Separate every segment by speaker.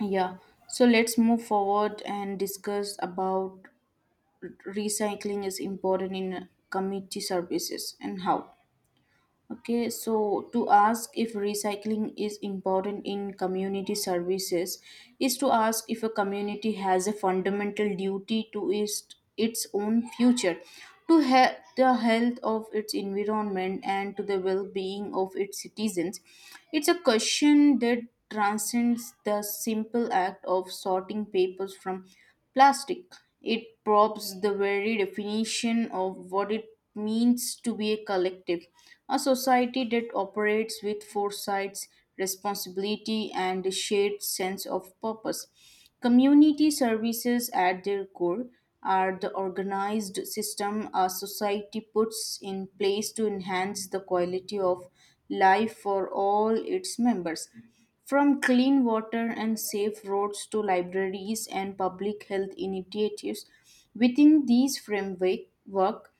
Speaker 1: Yeah, so let's move forward and discuss about recycling is important in community services and how. Okay, so to ask if recycling is important in community services is to ask if a community has a fundamental duty to its own future, to the health of its environment, and to the well being of its citizens. It's a question that transcends the simple act of sorting papers from plastic. It probes the very definition of what it means to be a collective, a society that operates with foresight, responsibility, and a shared sense of purpose. Community services at their core are the organized system a society puts in place to enhance the quality of life for all its members. From clean water and safe roads to libraries and public health initiatives, within these framework, work,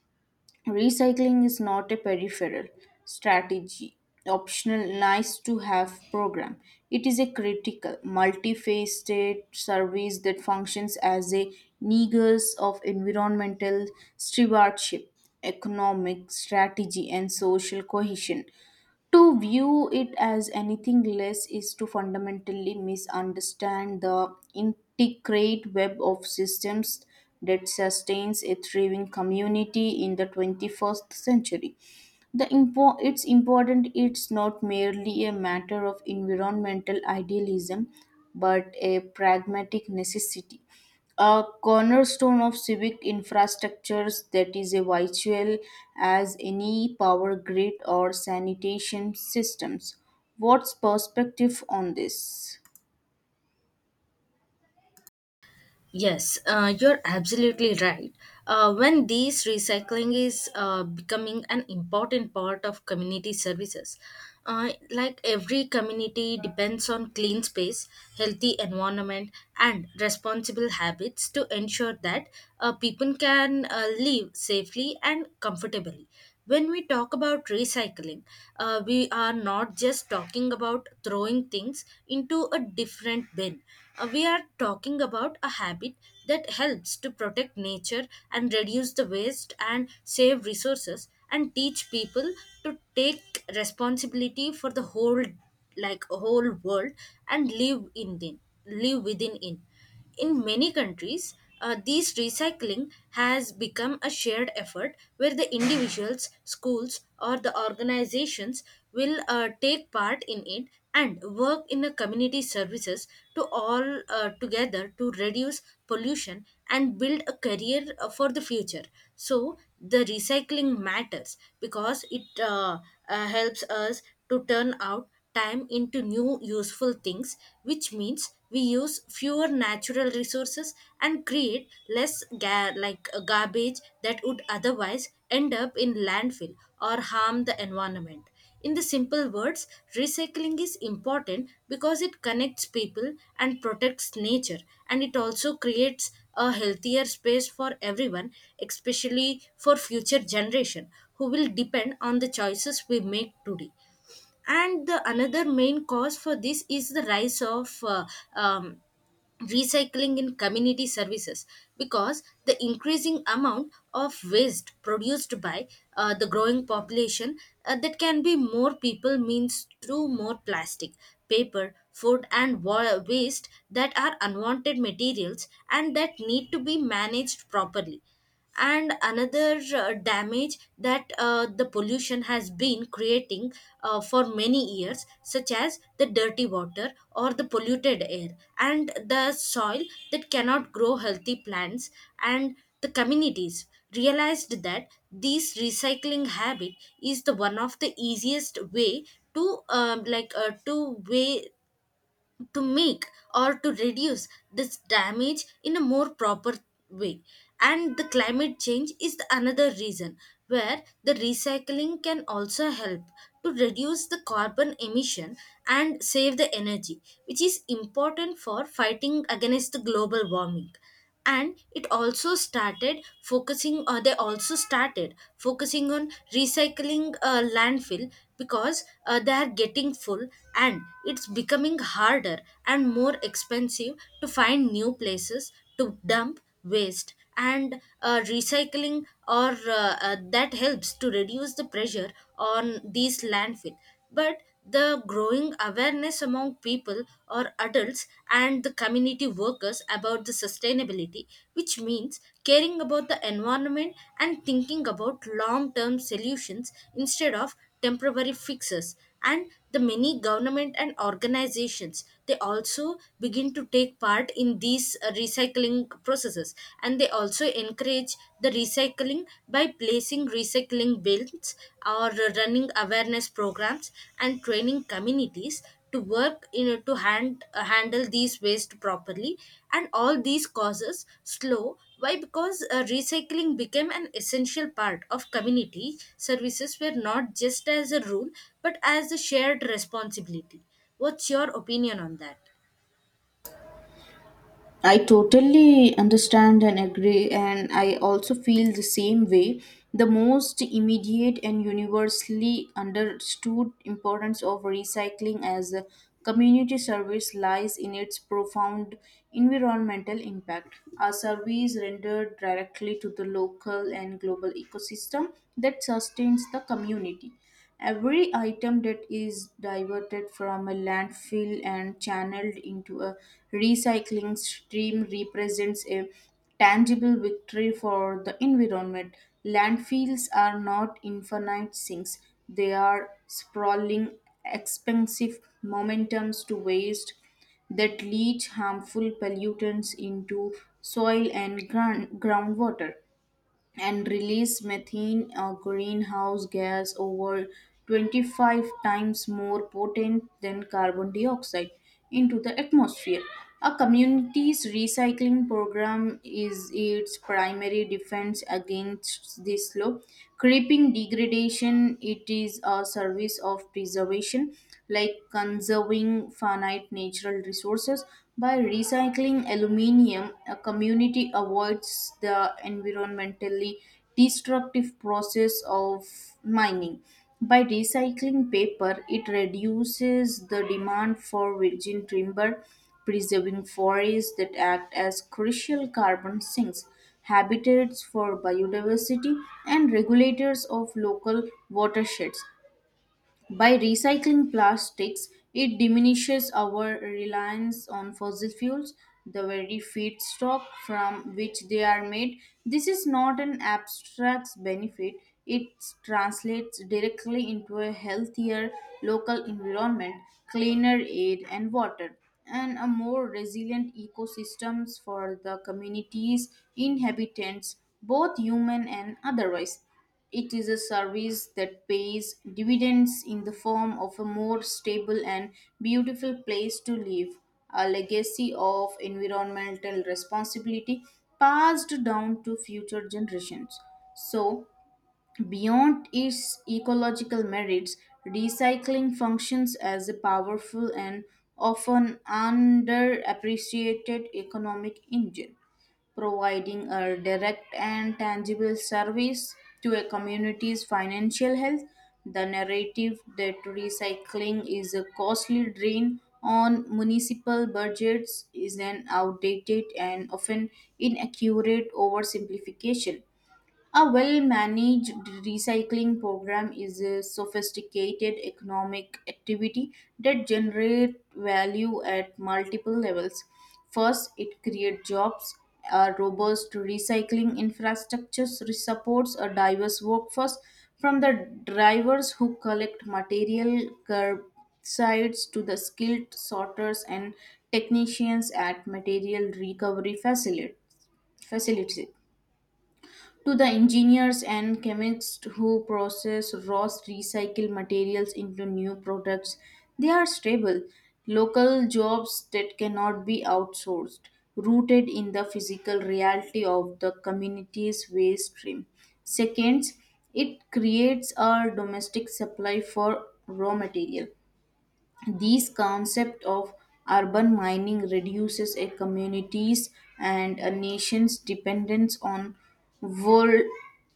Speaker 1: recycling is not a peripheral strategy, optional, nice to have program. It is a critical, multifaceted service that functions as a nexus of environmental stewardship, economic strategy, and social cohesion. To view it as anything less is to fundamentally misunderstand the intricate web of systems that sustains a thriving community in the 21st century. It's important it's not merely a matter of environmental idealism but a pragmatic necessity. A cornerstone of civic infrastructures that is a vital as any power grid or sanitation systems. What's perspective on this?
Speaker 2: Yes, you're absolutely right. When these recycling is becoming an important part of community services, like every community depends on clean space, healthy environment, and responsible habits to ensure that people can live safely and comfortably. When we talk about recycling, we are not just talking about throwing things into a different bin. We are talking about a habit that helps to protect nature and reduce the waste and save resources and teach people to take responsibility for the whole, like whole world, and live in them, live within in. In many countries, these recycling has become a shared effort where the individuals, schools, or the organizations will take part in it and work in the community services to all together to reduce pollution and build a career for the future. So the recycling matters because it helps us to turn out time into new useful things, which means we use fewer natural resources and create less garbage that would otherwise end up in landfill or harm the environment. In the simple words, recycling is important because it connects people and protects nature, and it also creates a healthier space for everyone, especially for future generation who will depend on the choices we make today. And the another main cause for this is the rise of um, recycling in community services, because the increasing amount of waste produced by the growing population, that can be more people means through more plastic, paper, food, and waste that are unwanted materials and that need to be managed properly, and another damage that the pollution has been creating for many years such as the dirty water or the polluted air and the soil that cannot grow healthy plants. And the communities realized that this recycling habit is the one of the easiest way to to way to make or to reduce this damage in a more proper way. And the climate change is the another reason where the recycling can also help to reduce the carbon emission and save the energy, which is important for fighting against the global warming. And it also started focusing, or they also started focusing on recycling landfill, because they are getting full and it's becoming harder and more expensive to find new places to dump waste. And recycling or that helps to reduce the pressure on these landfill. But the growing awareness among people or adults and the community workers about the sustainability, which means caring about the environment and thinking about long term solutions instead of temporary fixes, and the many government and organizations, they also begin to take part in these recycling processes, and they also encourage the recycling by placing recycling bins or running awareness programs and training communities to work in to handle these waste properly. And all these causes slow why? Because recycling became an essential part of community services, were not just as a rule but as a shared responsibility. What's your opinion on that?
Speaker 1: I totally understand and agree, and I also feel the same way. The most immediate and universally understood importance of recycling as a community service lies in its profound environmental impact. A service rendered directly to the local and global ecosystem that sustains the community. Every item that is diverted from a landfill and channeled into a recycling stream represents a tangible victory for the environment. Landfills are not infinite sinks, they are sprawling, expensive momentums to waste that leach harmful pollutants into soil and ground, groundwater and release methane, a greenhouse gas, over 25 times more potent than carbon dioxide, into the atmosphere. A community's recycling program is its primary defense against this slow creeping degradation. It is a service of preservation like conserving finite natural resources. By recycling aluminium, a community avoids the environmentally destructive process of mining. By recycling paper, it reduces the demand for virgin timber, preserving forests that act as crucial carbon sinks, habitats for biodiversity, and regulators of local watersheds. By recycling plastics, it diminishes our reliance on fossil fuels, the very feedstock from which they are made. This is not an abstract benefit, it translates directly into a healthier local environment, cleaner air and water, and a more resilient ecosystems for the communities, inhabitants, both human and otherwise. It is a service that pays dividends in the form of a more stable and beautiful place to live, a legacy of environmental responsibility passed down to future generations. So, beyond its ecological merits, recycling functions as a powerful and often underappreciated economic engine, providing a direct and tangible service to a community's financial health. The narrative that recycling is a costly drain on municipal budgets is an outdated and often inaccurate oversimplification. A well managed recycling program is a sophisticated economic activity that generates value at multiple levels. First, it creates jobs, a robust recycling infrastructure supports a diverse workforce from the drivers who collect material curbsides to the skilled sorters and technicians at material recovery facilities to the engineers and chemists who process raw recycled materials into new products. They are stable, local jobs that cannot be outsourced, rooted in the physical reality of the community's waste stream. Second, it creates a domestic supply for raw material. These concept of urban mining reduces a community's and a nation's dependence on vol-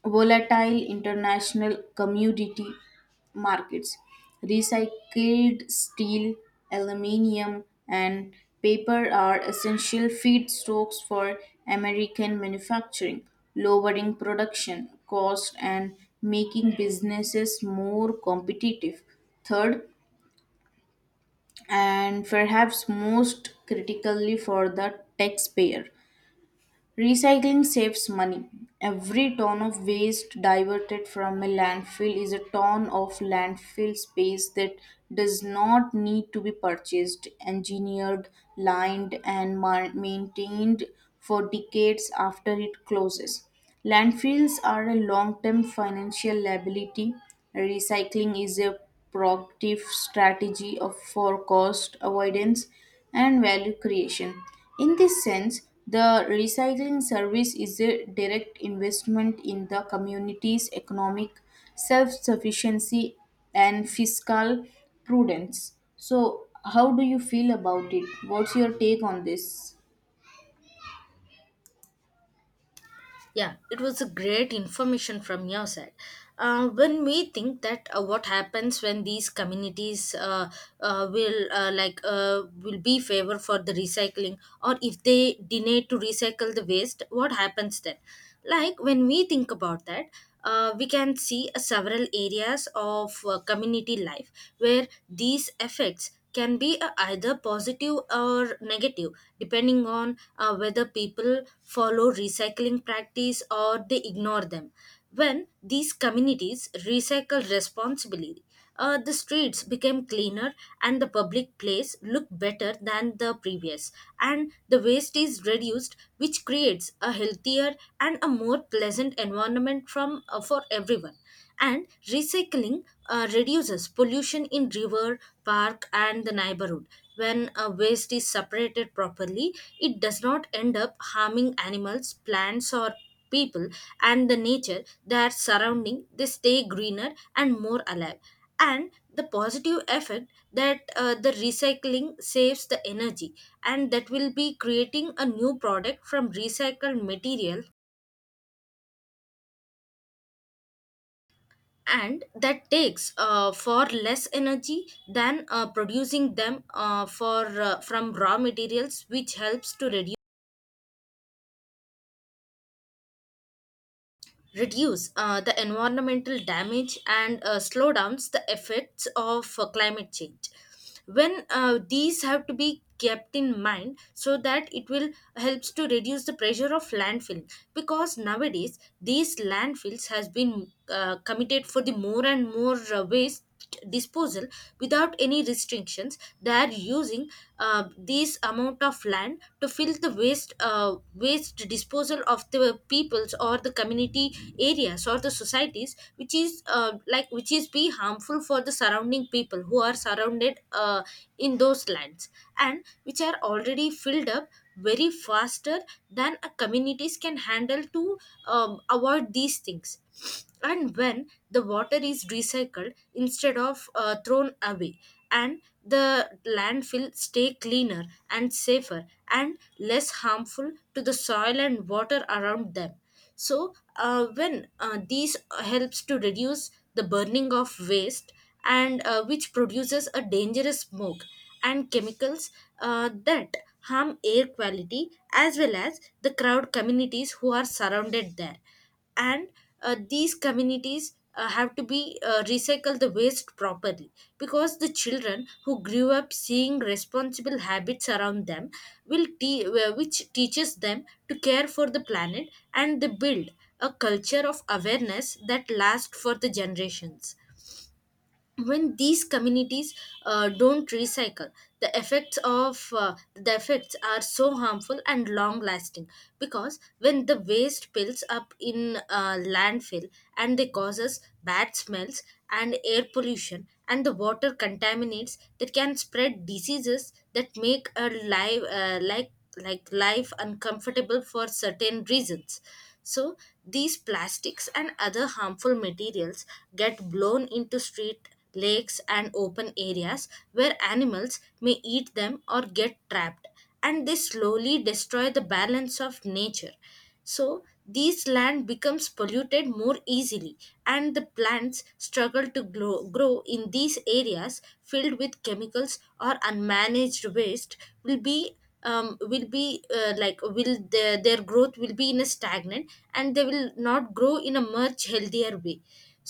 Speaker 1: volatile international commodity markets. Recycled steel, aluminium, and paper are essential feedstocks for American manufacturing, lowering production cost and making businesses more competitive. Third, and perhaps most critically for the taxpayer. Recycling saves money. Every ton of waste diverted from a landfill is a ton of landfill space that does not need to be purchased, engineered, lined, and maintained for decades after it closes. Landfills are a long term financial liability. Recycling is a proactive strategy of for cost avoidance and value creation. In this sense, the recycling service is a direct investment in the community's economic self sufficiency and fiscal prudence. So, how do you feel about it? What's your take on this?
Speaker 2: Yeah, it was a great information from your side. When we think that what happens when these communities will be favor for the recycling, or if they deny to recycle the waste, what happens then? Like when we think about that, we can see several areas of community life where these effects can be either positive or negative depending on whether people follow recycling practice or they ignore them. When these communities recycle responsibly, the streets became cleaner and the public place look better than the previous, and the waste is reduced, which creates a healthier and a more pleasant environment from for everyone. And recycling reduces pollution in river, park, and the neighborhood. When a waste is separated properly, it does not end up harming animals, plants, or people, and the nature that surrounding, they stay greener and more alive. And the positive effect that the recycling saves the energy, and that will be creating a new product from recycled material, and that takes far less energy than producing them for from raw materials, which helps to reduce the environmental damage and slow downs the effects of climate change. When these have to be kept in mind so that it will helps to reduce the pressure of landfill, because nowadays these landfills has been committed for the more and more waste disposal. Without any restriction corporations, they are using this amount of land to fill the waste disposal of the peoples or the community areas or the societies, which is which is be harmful for the surrounding people who are surrounded in those lands and which are already filled up very faster than a communities can handle to avoid these things. And when the water is recycled instead of thrown away, and the landfill stay cleaner and safer and less harmful to the soil and water around them. So when these helps to reduce the burning of waste and which produces a dangerous smoke and chemicals that harm air quality as well as the crowd communities who are surrounded there. And these communities have to be recycle the waste properly, because the children who grew up seeing responsible habits around them will which teaches them to care for the planet, and they build a culture of awareness that lasts for the generations. When these communities don't recycle, the effects of the effects are so harmful and long lasting, because when the waste builds up in landfill, and they causes bad smells and air pollution and the water contaminates that can spread diseases that make a life like life uncomfortable for certain reasons. So these plastics and other harmful materials get blown into street, lakes, and open areas where animals may eat them or get trapped, and they slowly destroy the balance of nature. So these land becomes polluted more easily, and the plants struggle to grow in these areas filled with chemicals or unmanaged waste will be will their growth will be in a stagnant and they will not grow in a much healthier way.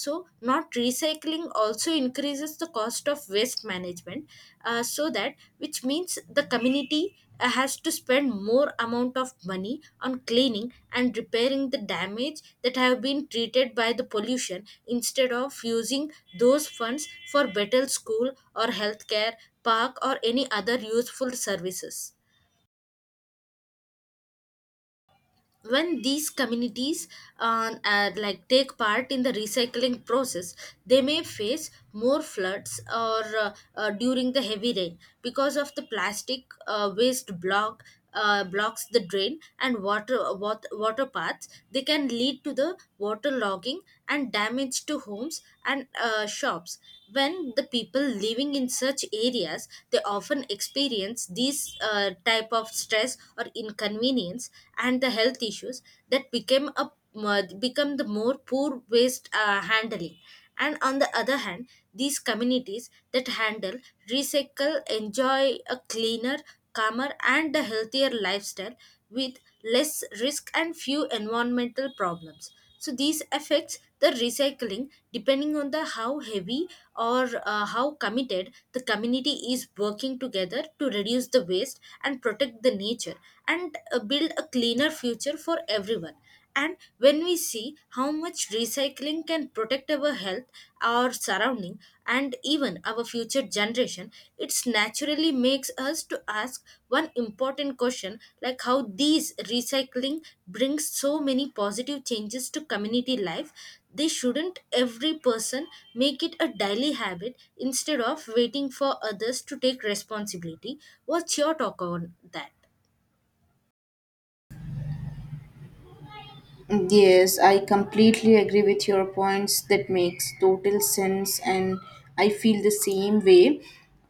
Speaker 2: So not recycling also increases the cost of waste management, so that which means the community has to spend more amount of money on cleaning and repairing the damage that have been treated by the pollution instead of using those funds for better school or healthcare, park, or any other useful services. When these communities take part in the recycling process, they may face more floods or during the heavy rain, because of the plastic waste blocks the drain and water paths, they can lead to the water logging and damage to homes and shops. When the people living in such areas, they often experience these type of stress or inconvenience and the health issues that became a become the more poor waste handling. And on the other hand, these communities that handle recycle enjoy a cleaner, calmer, and a healthier lifestyle with less risk and few environmental problems. So these affects the recycling depending on the how heavy or how committed the community is working together to reduce the waste and protect the nature and build a cleaner future for everyone. And when we see how much recycling can protect our health, our surrounding, and even our future generation, it naturally makes us to ask one important question like how these recycling brings so many positive changes to community life. They shouldn't every person make it a daily habit instead of waiting for others to take responsibility. What's your talk on that?
Speaker 1: Yes, I completely agree with your points. That makes total sense, and I feel the same way.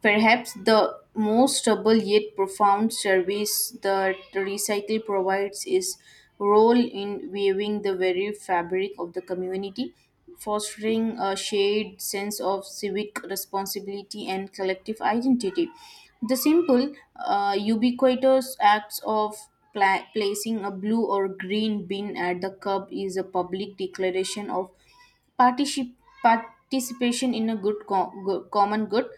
Speaker 1: Perhaps the most trouble yet profound service that Recycle provides is role in weaving the very fabric of the community, fostering a shared sense of civic responsibility and collective identity. The simple, ubiquitous acts of placing a blue or green bin at the curb is a public declaration of particip- participation in a common good.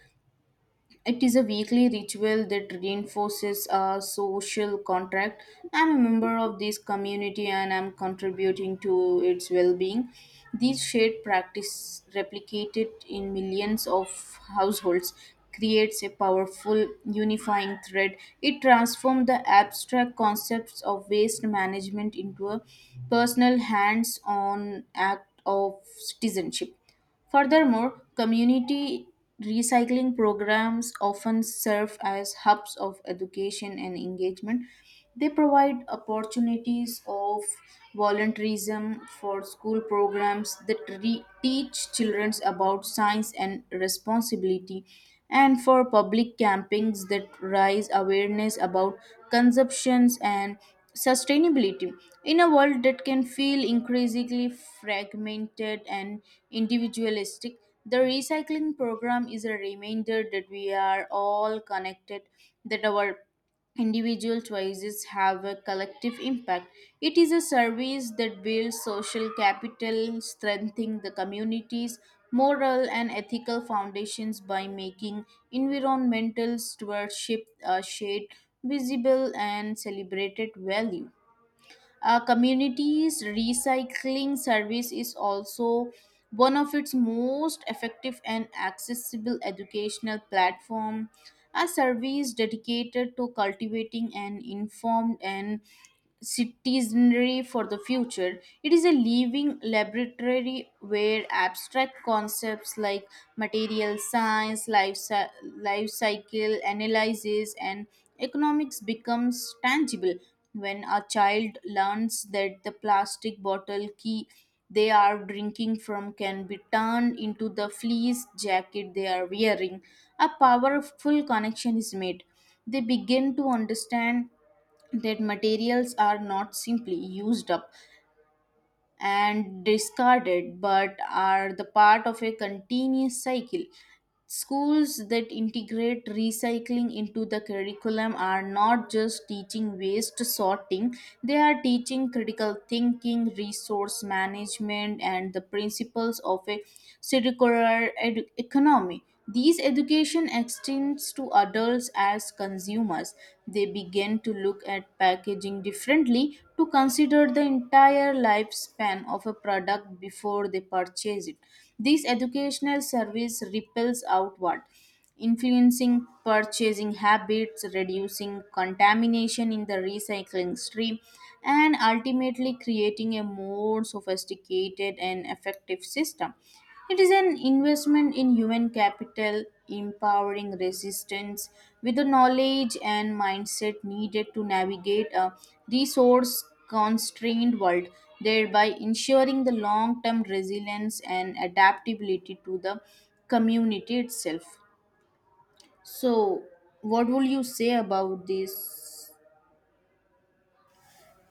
Speaker 1: It is a weekly ritual that reinforces our social contract. I'm a member of this community and I'm contributing to its well being. These shared practice, replicated in millions of households, creates a powerful unifying thread. It transforms the abstract concepts of waste management into a personal hands on act of citizenship. Furthermore, community recycling programs often serve as hubs of education and engagement. They provide opportunities of volunteerism for school programs that teach children about science and responsibility and for public campings that raise awareness about consumptions and sustainability in a world that can feel increasingly fragmented and individualistic. The recycling program is a reminder that we are all connected, that our individual choices have a collective impact. It is a service that builds social capital, strengthening the community's moral and ethical foundations by making environmental stewardship a shared, visible, and celebrated value. Communities recycling service is also one of its most effective and accessible educational platform. A service dedicated to cultivating an informed and citizenry for the future. It is a living laboratory where abstract concepts like material science, life cycle analysis, and economics becomes tangible when a child learns that the plastic bottle key they are drinking from can be turned into the fleece jacket they are wearing. A powerful connection is made. They begin to understand that materials are not simply used up and discarded but are the part of a continuous cycle. Schools that integrate recycling into the curriculum are not just teaching waste sorting, they are teaching critical thinking, resource management, and the principles of a circular economy. These education extends to adults as consumers. They begin to look at packaging differently to consider the entire lifespan of a product before they purchase it. This educational service ripples outward, influencing purchasing habits, reducing contamination in the recycling stream, and ultimately creating a more sophisticated and effective system. It is an investment in human capital, empowering resistance with the knowledge and mindset needed to navigate a resource constrained world, thereby ensuring the long term resilience and adaptability to the community itself. So, what will you say about this?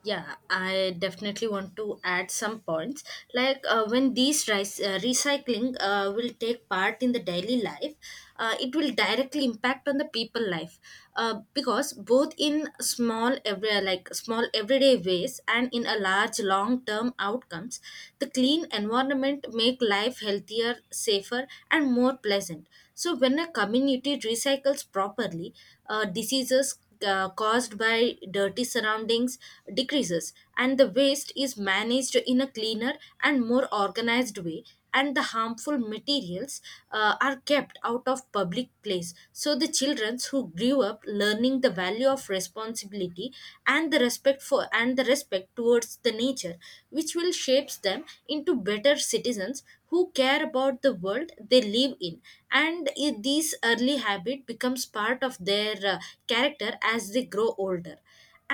Speaker 2: Yeah, I definitely want to add some points. Like when these recycling will take part in the daily life, it will directly impact on the people life because both in small everyday ways and in a large long term outcomes, the clean environment make life healthier, safer, and more pleasant. So when a community recycles properly, diseases caused by dirty surroundings decreases and the waste is managed in a cleaner and more organized way, and the harmful materials are kept out of public place. So the children who grew up learning the value of responsibility and the respect for and the respect towards the nature, which will shapes them into better citizens who care about the world they live in. This early habit becomes part of their character as they grow older,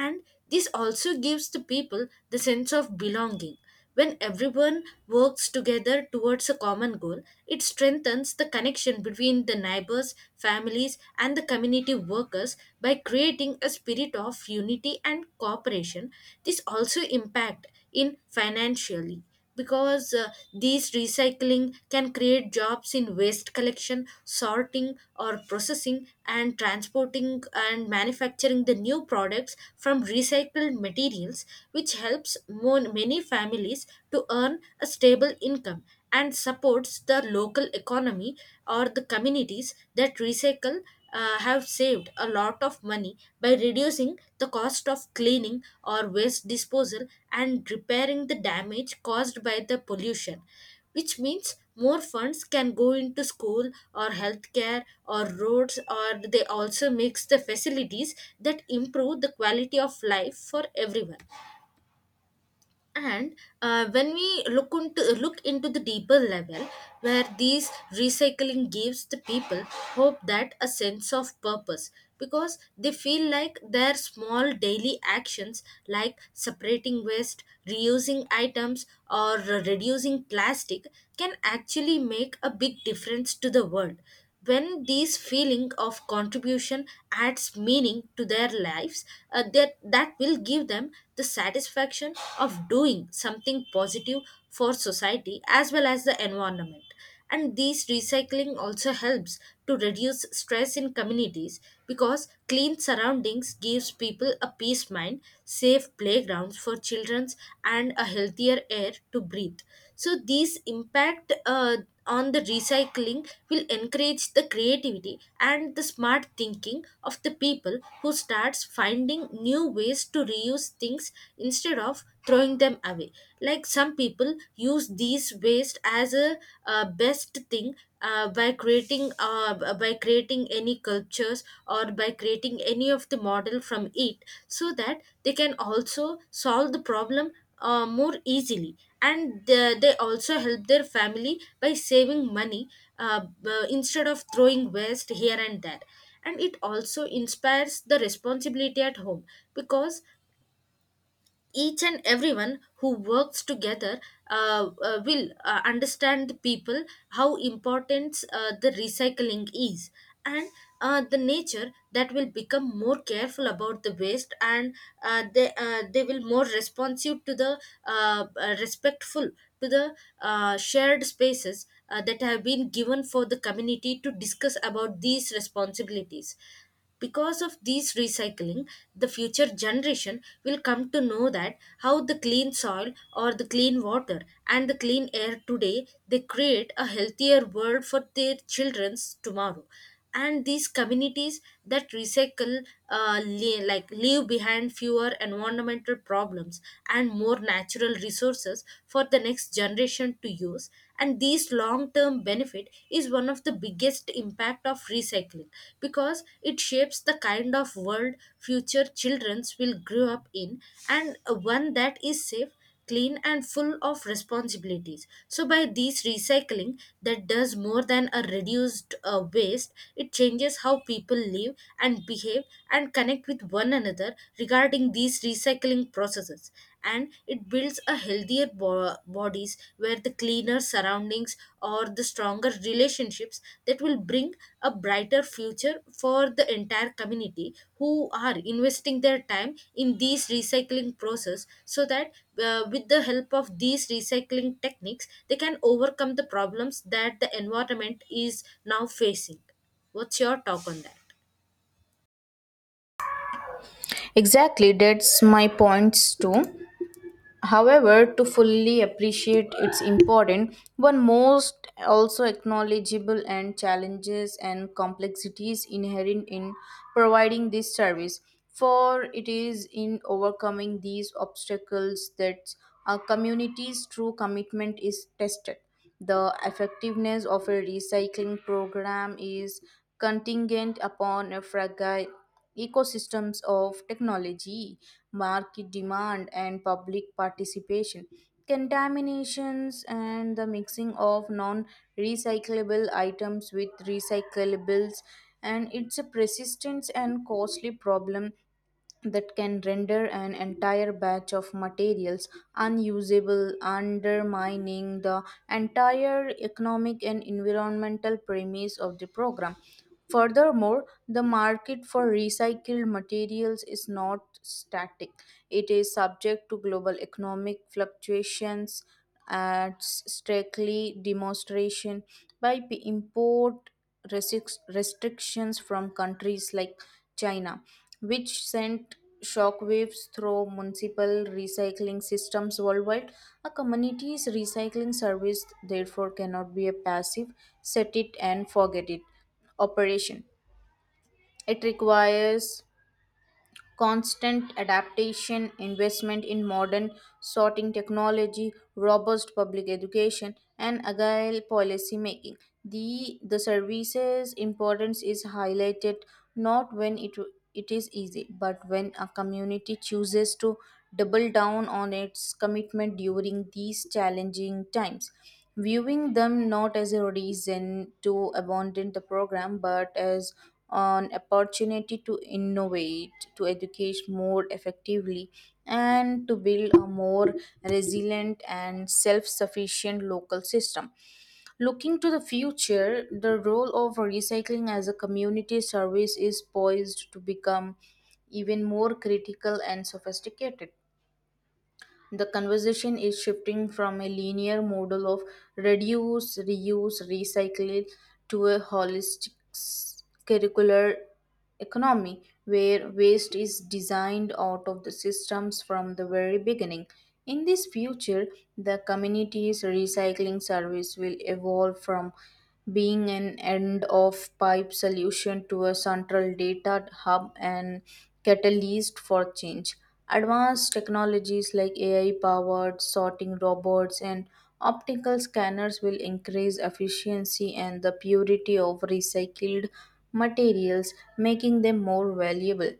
Speaker 2: and this also gives the people the sense of belonging. When everyone works together towards a common goal, it strengthens the connection between the neighbors, families and the community workers by creating a spirit of unity and cooperation. This also impact in financially, because these recycling can create jobs in waste collection, sorting or processing and transporting and manufacturing the new products from recycled materials, which helps many families to earn a stable income and supports the local economy. Or the communities that recycle have saved a lot of money by reducing the cost of cleaning or waste disposal and repairing the damage caused by the pollution, which means more funds can go into school or healthcare or roads, or they also makes the facilities that improve the quality of life for everyone. And when we look into the deeper level, where these recycling gives the people hope, that a sense of purpose, because they feel like their small daily actions like separating waste, reusing items or reducing plastic can actually make a big difference to the world. When these feeling of contribution adds meaning to their lives, that will give them the satisfaction of doing something positive for society as well as the environment. And this recycling also helps to reduce stress in communities, because clean surroundings gives people a peace mind, safe playgrounds for childrens and a healthier air to breathe. So these impact on the recycling will encourage the creativity and the smart thinking of the people who starts finding new ways to reuse things instead of throwing them away. Like some people use these waste as a, best thing by creating any cultures or by creating any of the model from it, so that they can also solve the problem more easily. And they also help their family by saving money, instead of throwing waste here and there. And it also inspires the responsibility at home, because each and everyone who works together will understand the people how important the recycling is, and the nature. That will become more careful about the waste, and they will more responsive to the respectful to the shared spaces that have been given for the community to discuss about these responsibilities. Because of these recycling, the future generation will come to know that how the clean soil or the clean water and the clean air today, they create a healthier world for their children's tomorrow. And these communities that recycle like leave behind fewer environmental problems and more natural resources for the next generation to use. And these this long-term benefit is one of the biggest impact of recycling, because it shapes the kind of world future childrens will grow up in, and one that is safe, clean and full of responsibilities. So by these recycling, that does more than a reduced waste, it changes how people live and behave and connect with one another regarding these recycling processes. And it builds a healthier bodies, where the cleaner surroundings or the stronger relationships that will bring a brighter future for the entire community who are investing their time in these recycling process. So that with the help of these recycling techniques, they can overcome the problems that the environment is now facing. What's your talk on that?
Speaker 1: Exactly, that's my points too. However, to fully appreciate its importance, one must also acknowledgeable and challenges and complexities inherent in providing this service. For it is in overcoming these obstacles that a community's true commitment is tested. The effectiveness of a recycling program is contingent upon a fragile ecosystems of technology, market demand, and public participation. Contaminations and the mixing of non recyclable items with recyclables, and it's a persistent and costly problem that can render an entire batch of materials unusable, undermining the entire economic and environmental premise of the program. Furthermore, the market for recycled materials is not static. It is subject to global economic fluctuations, at strictly demonstration by import restrictions from countries like China, which sent shockwaves through municipal recycling systems worldwide. A community's recycling service, therefore, cannot be a passive set it and forget it operation. It requires constant adaptation, investment in modern sorting technology, robust public education, and agile policy making. The services importance is highlighted not when it is easy, but when a community chooses to double down on its commitment during these challenging times viewing them not as a reason to abandon the program but as an opportunity to innovate, to educate more effectively, and to build a more resilient and self sufficient local system. Looking to the future, the role of recycling as a community service is poised to become even more critical and sophisticated. The conversation is shifting from a linear model of reduce, reuse, recycle to a holistic curricular economy where waste is designed out of the systems from the very beginning. In this future, the community's recycling service will evolve from being an end of pipe solution to a central data hub and catalyst for change. Advanced technologies like AI powered sorting robots and optical scanners will increase efficiency and the purity of recycled materials, making them more valuable.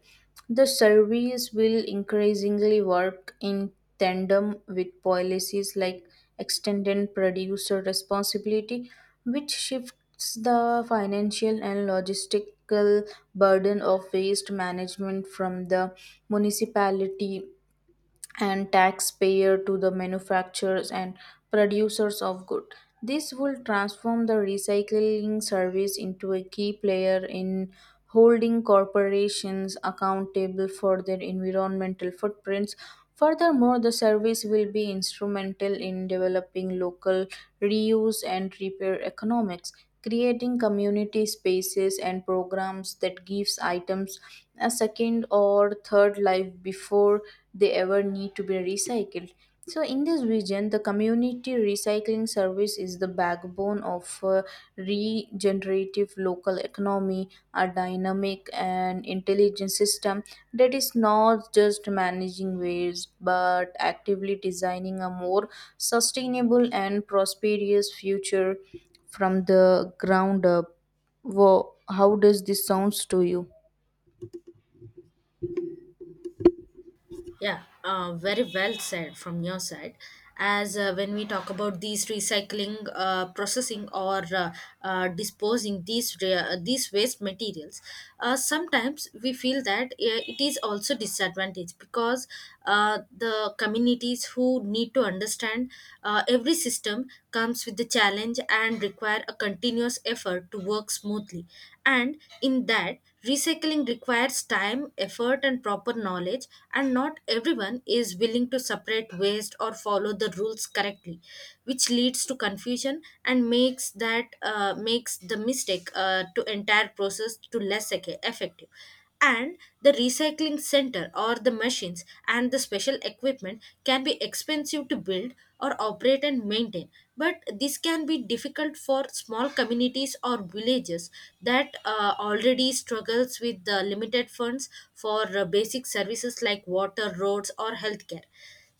Speaker 1: The service will increasingly work in tandem with policies like extended producer responsibility, which shifts the financial and logistical burden of waste management from the municipality and taxpayer to the manufacturers and producers of good. This will transform the recycling service into a key player in holding corporations accountable for their environmental footprints. Furthermore, the service will be instrumental in developing local reuse and repair economics, creating community spaces and programs that gives items a second or third life before they ever need to be recycled. So, in this region, the community recycling service is the backbone of regenerative local economy, a dynamic and intelligent system that is not just managing waste but actively designing a more sustainable and prosperous future from the ground up. Wow, how does this sounds to you?
Speaker 2: Yeah, very well said from your side. As when we talk about these recycling, processing, or disposing these waste materials, sometimes we feel that it is also disadvantage, because the communities who need to understand every system comes with the challenge and require a continuous effort to work smoothly. And in that, recycling requires time, effort and proper knowledge, and not everyone is willing to separate waste or follow the rules correctly, which leads to confusion and makes the mistake to entire process to less effective. And the recycling center or the machines and the special equipment can be expensive to build or operate and maintain, but this can be difficult for small communities or villages that already struggles with the limited funds for basic services like water, roads or healthcare.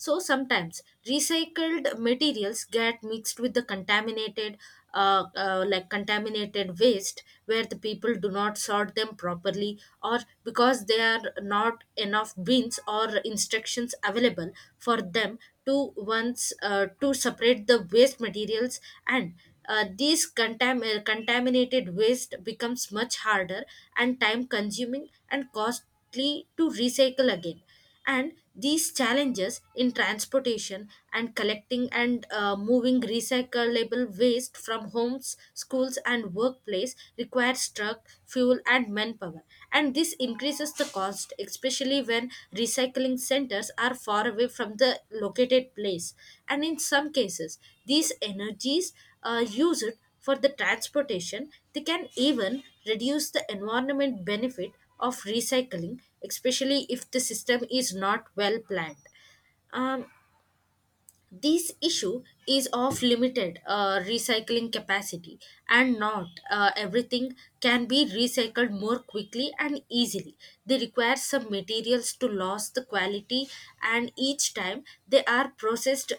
Speaker 2: So sometimes recycled materials get mixed with the contaminated, like contaminated waste, where the people do not sort them properly, or because there are not enough bins or instructions available for them to separate the waste materials. And contaminated waste becomes much harder and time consuming and costly to recycle again. And these challenges in transportation and collecting and moving recyclable waste from homes, schools and workplace requires truck, fuel and manpower, and this increases the cost, especially when recycling centers are far away from the located place. And in some cases, these energies are used for the transportation, they can even reduce the environment benefit of recycling, especially if the system is not well planned. Um, this issue is of limited recycling capacity, and not everything can be recycled more quickly and easily. They require some materials to lose the quality, and each time they are processed,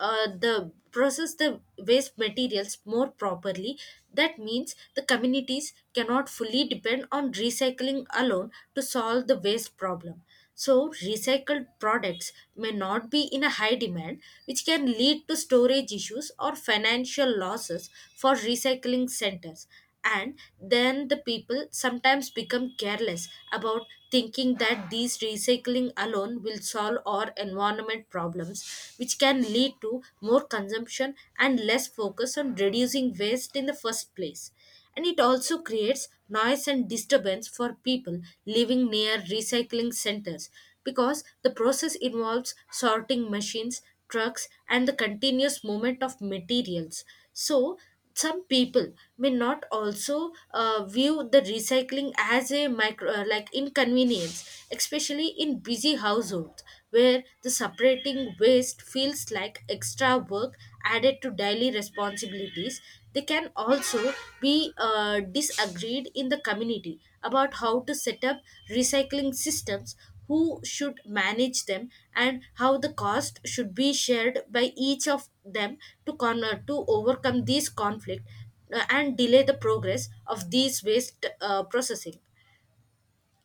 Speaker 2: the process the waste materials more properly, that means the communities cannot fully depend on recycling alone to solve the waste problem. So recycled products may not be in a high demand, which can lead to storage issues or financial losses for recycling centers. And then the people sometimes become careless about thinking that these recycling alone will solve our environment problems, which can lead to more consumption and less focus on reducing waste in the first place. And it also creates noise and disturbance for people living near recycling centers, because the process involves sorting machines, trucks and the continuous movement of materials. So some people may not also view the recycling as a micro like inconvenience, especially in busy households where the separating waste feels like extra work added to daily responsibilities. They can also be disagreed in the community about how to set up recycling systems, who should manage them, and how the cost should be shared by each of them, to overcome these conflict and delay the progress of these waste processing.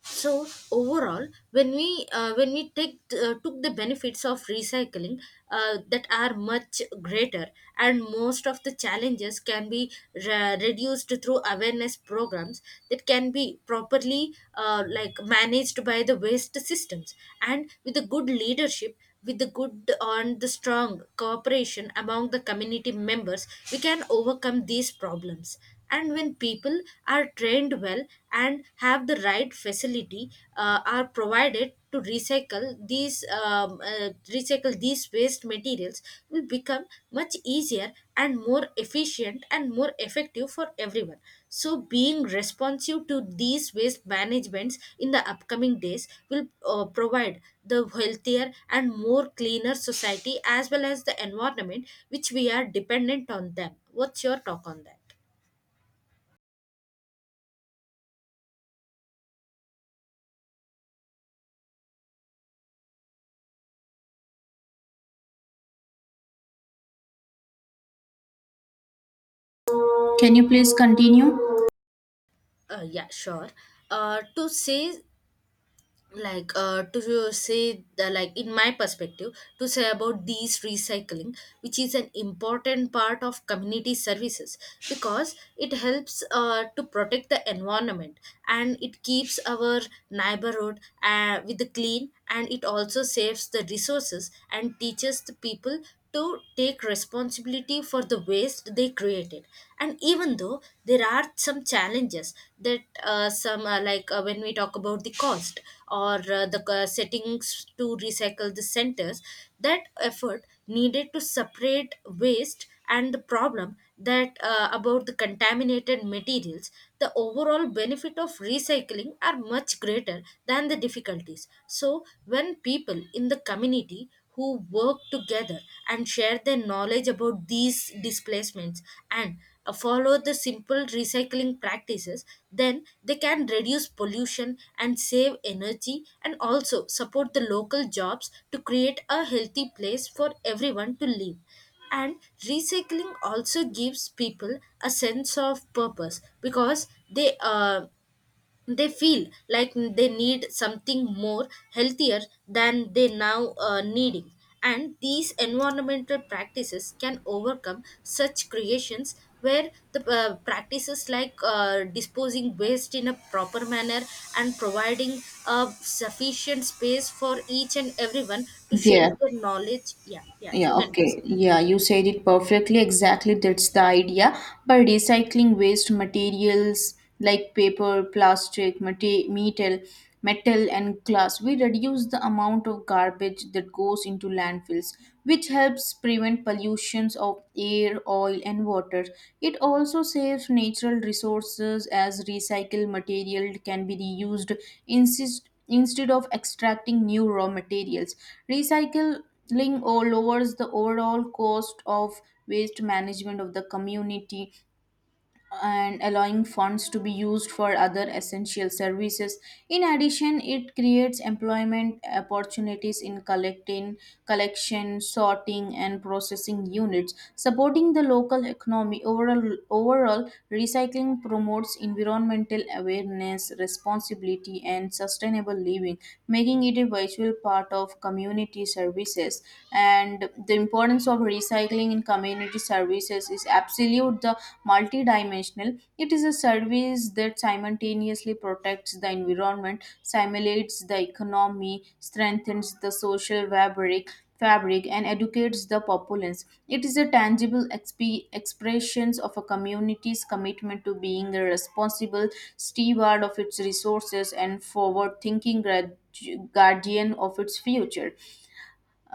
Speaker 2: So overall, when we take took the benefits of recycling, that are much greater, and most of the challenges can be reduced through awareness programs that can be properly like managed by the waste systems, and with a good leadership, with the good and the strong cooperation among the community members, we can overcome these problems. And when people are trained well and have the right facility, are provided to recycle these waste materials, will become much easier and more efficient and more effective for everyone. So, being responsive to these waste managements in the upcoming days will provide the healthier and more cleaner society as well as the environment which we are dependent on them. What's your talk on that?
Speaker 1: Can you please continue?
Speaker 2: Yeah, sure. Uh, to say to say the, like in my perspective to say about these recycling, which is an important part of community services, because it helps to protect the environment, and it keeps our neighborhood with the clean, and it also saves the resources and teaches the people to take responsibility for the waste they created. And even though there are some challenges that some like when we talk about the cost or the settings to recycle the centers, that effort needed to separate waste, and the problem that about the contaminated materials, the overall benefit of recycling are much greater than the difficulties. So when people in the community who work together and share their knowledge about these displacements and follow the simple recycling practices, then they can reduce pollution and save energy and also support the local jobs to create a healthy place for everyone to live. And recycling also gives people a sense of purpose, because they feel like they need something more healthier than they now needing. And these environmental practices can overcome such creations, where the practices like disposing waste in a proper manner and providing a sufficient space for each and everyone to share
Speaker 1: Yeah,
Speaker 2: their knowledge. Yeah, yeah,
Speaker 1: Yeah,
Speaker 2: you can
Speaker 1: okay.
Speaker 2: proceed.
Speaker 1: Yeah, you said it perfectly. Exactly, that's the idea. By recycling waste materials like paper, plastic, metal and glass, we reduce the amount of garbage that goes into landfills, which helps prevent pollutions of air, oil and water. It also saves natural resources as recycled material can be reused instead of extracting new raw materials. Recycle Ling or lowers the overall cost of waste management of the community and allowing funds to be used for other essential services. In addition, it creates employment opportunities in collection, sorting, and processing units, supporting the local economy. Overall, recycling promotes environmental awareness, responsibility, and sustainable living, making it a vital part of community services. And the importance of recycling in community services is absolute. The multidimensional. It is a service that simultaneously protects the environment, simulates the economy, strengthens the social fabric and educates the populace. It is a tangible expressions of a community's commitment to being a responsible steward of its resources and forward-thinking guardian of its future.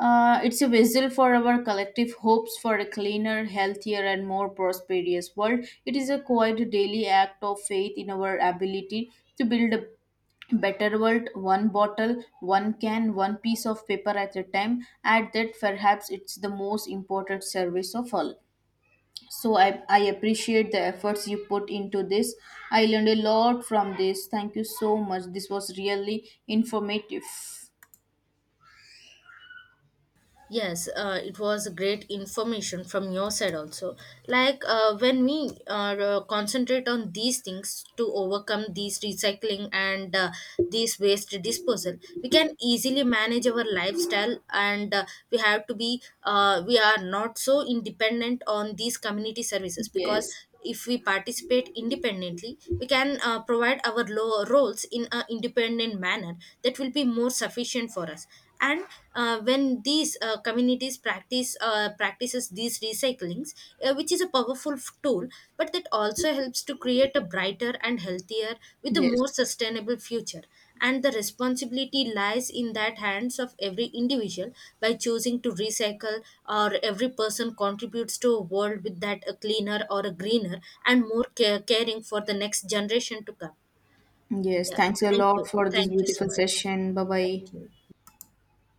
Speaker 1: It's a vessel for our collective hopes for a cleaner, healthier, and more prosperous world. It is a quiet daily act of faith in our ability to build a better world, one bottle, one can, one piece of paper at a time. At that, perhaps it's the most important service of all. So I appreciate the efforts you put into this. I learned a lot from this. Thank you so much. This was really informative.
Speaker 2: Yes, it was great information from your side also. Like when we are concentrate on these things to overcome these recycling and these waste disposal, we can easily manage our lifestyle, and we have to be we are not so independent on these community services, because
Speaker 1: Yes.
Speaker 2: if we participate independently, we can provide our roles in an independent manner that will be more sufficient for us. And when these communities practices these recyclings, which is a powerful tool, but that also helps to create a brighter and healthier with a
Speaker 1: Yes.
Speaker 2: more sustainable future. And the responsibility lies in that hands of every individual. By choosing to recycle or every person contributes to a world with that a cleaner or a greener and more caring for the next generation to come.
Speaker 1: Yes,
Speaker 2: Yeah,
Speaker 1: thanks a
Speaker 2: thank
Speaker 1: lot
Speaker 2: you,
Speaker 1: for this
Speaker 2: thank you so
Speaker 1: beautiful
Speaker 2: much.
Speaker 1: session. Bye bye.
Speaker 2: Thank you.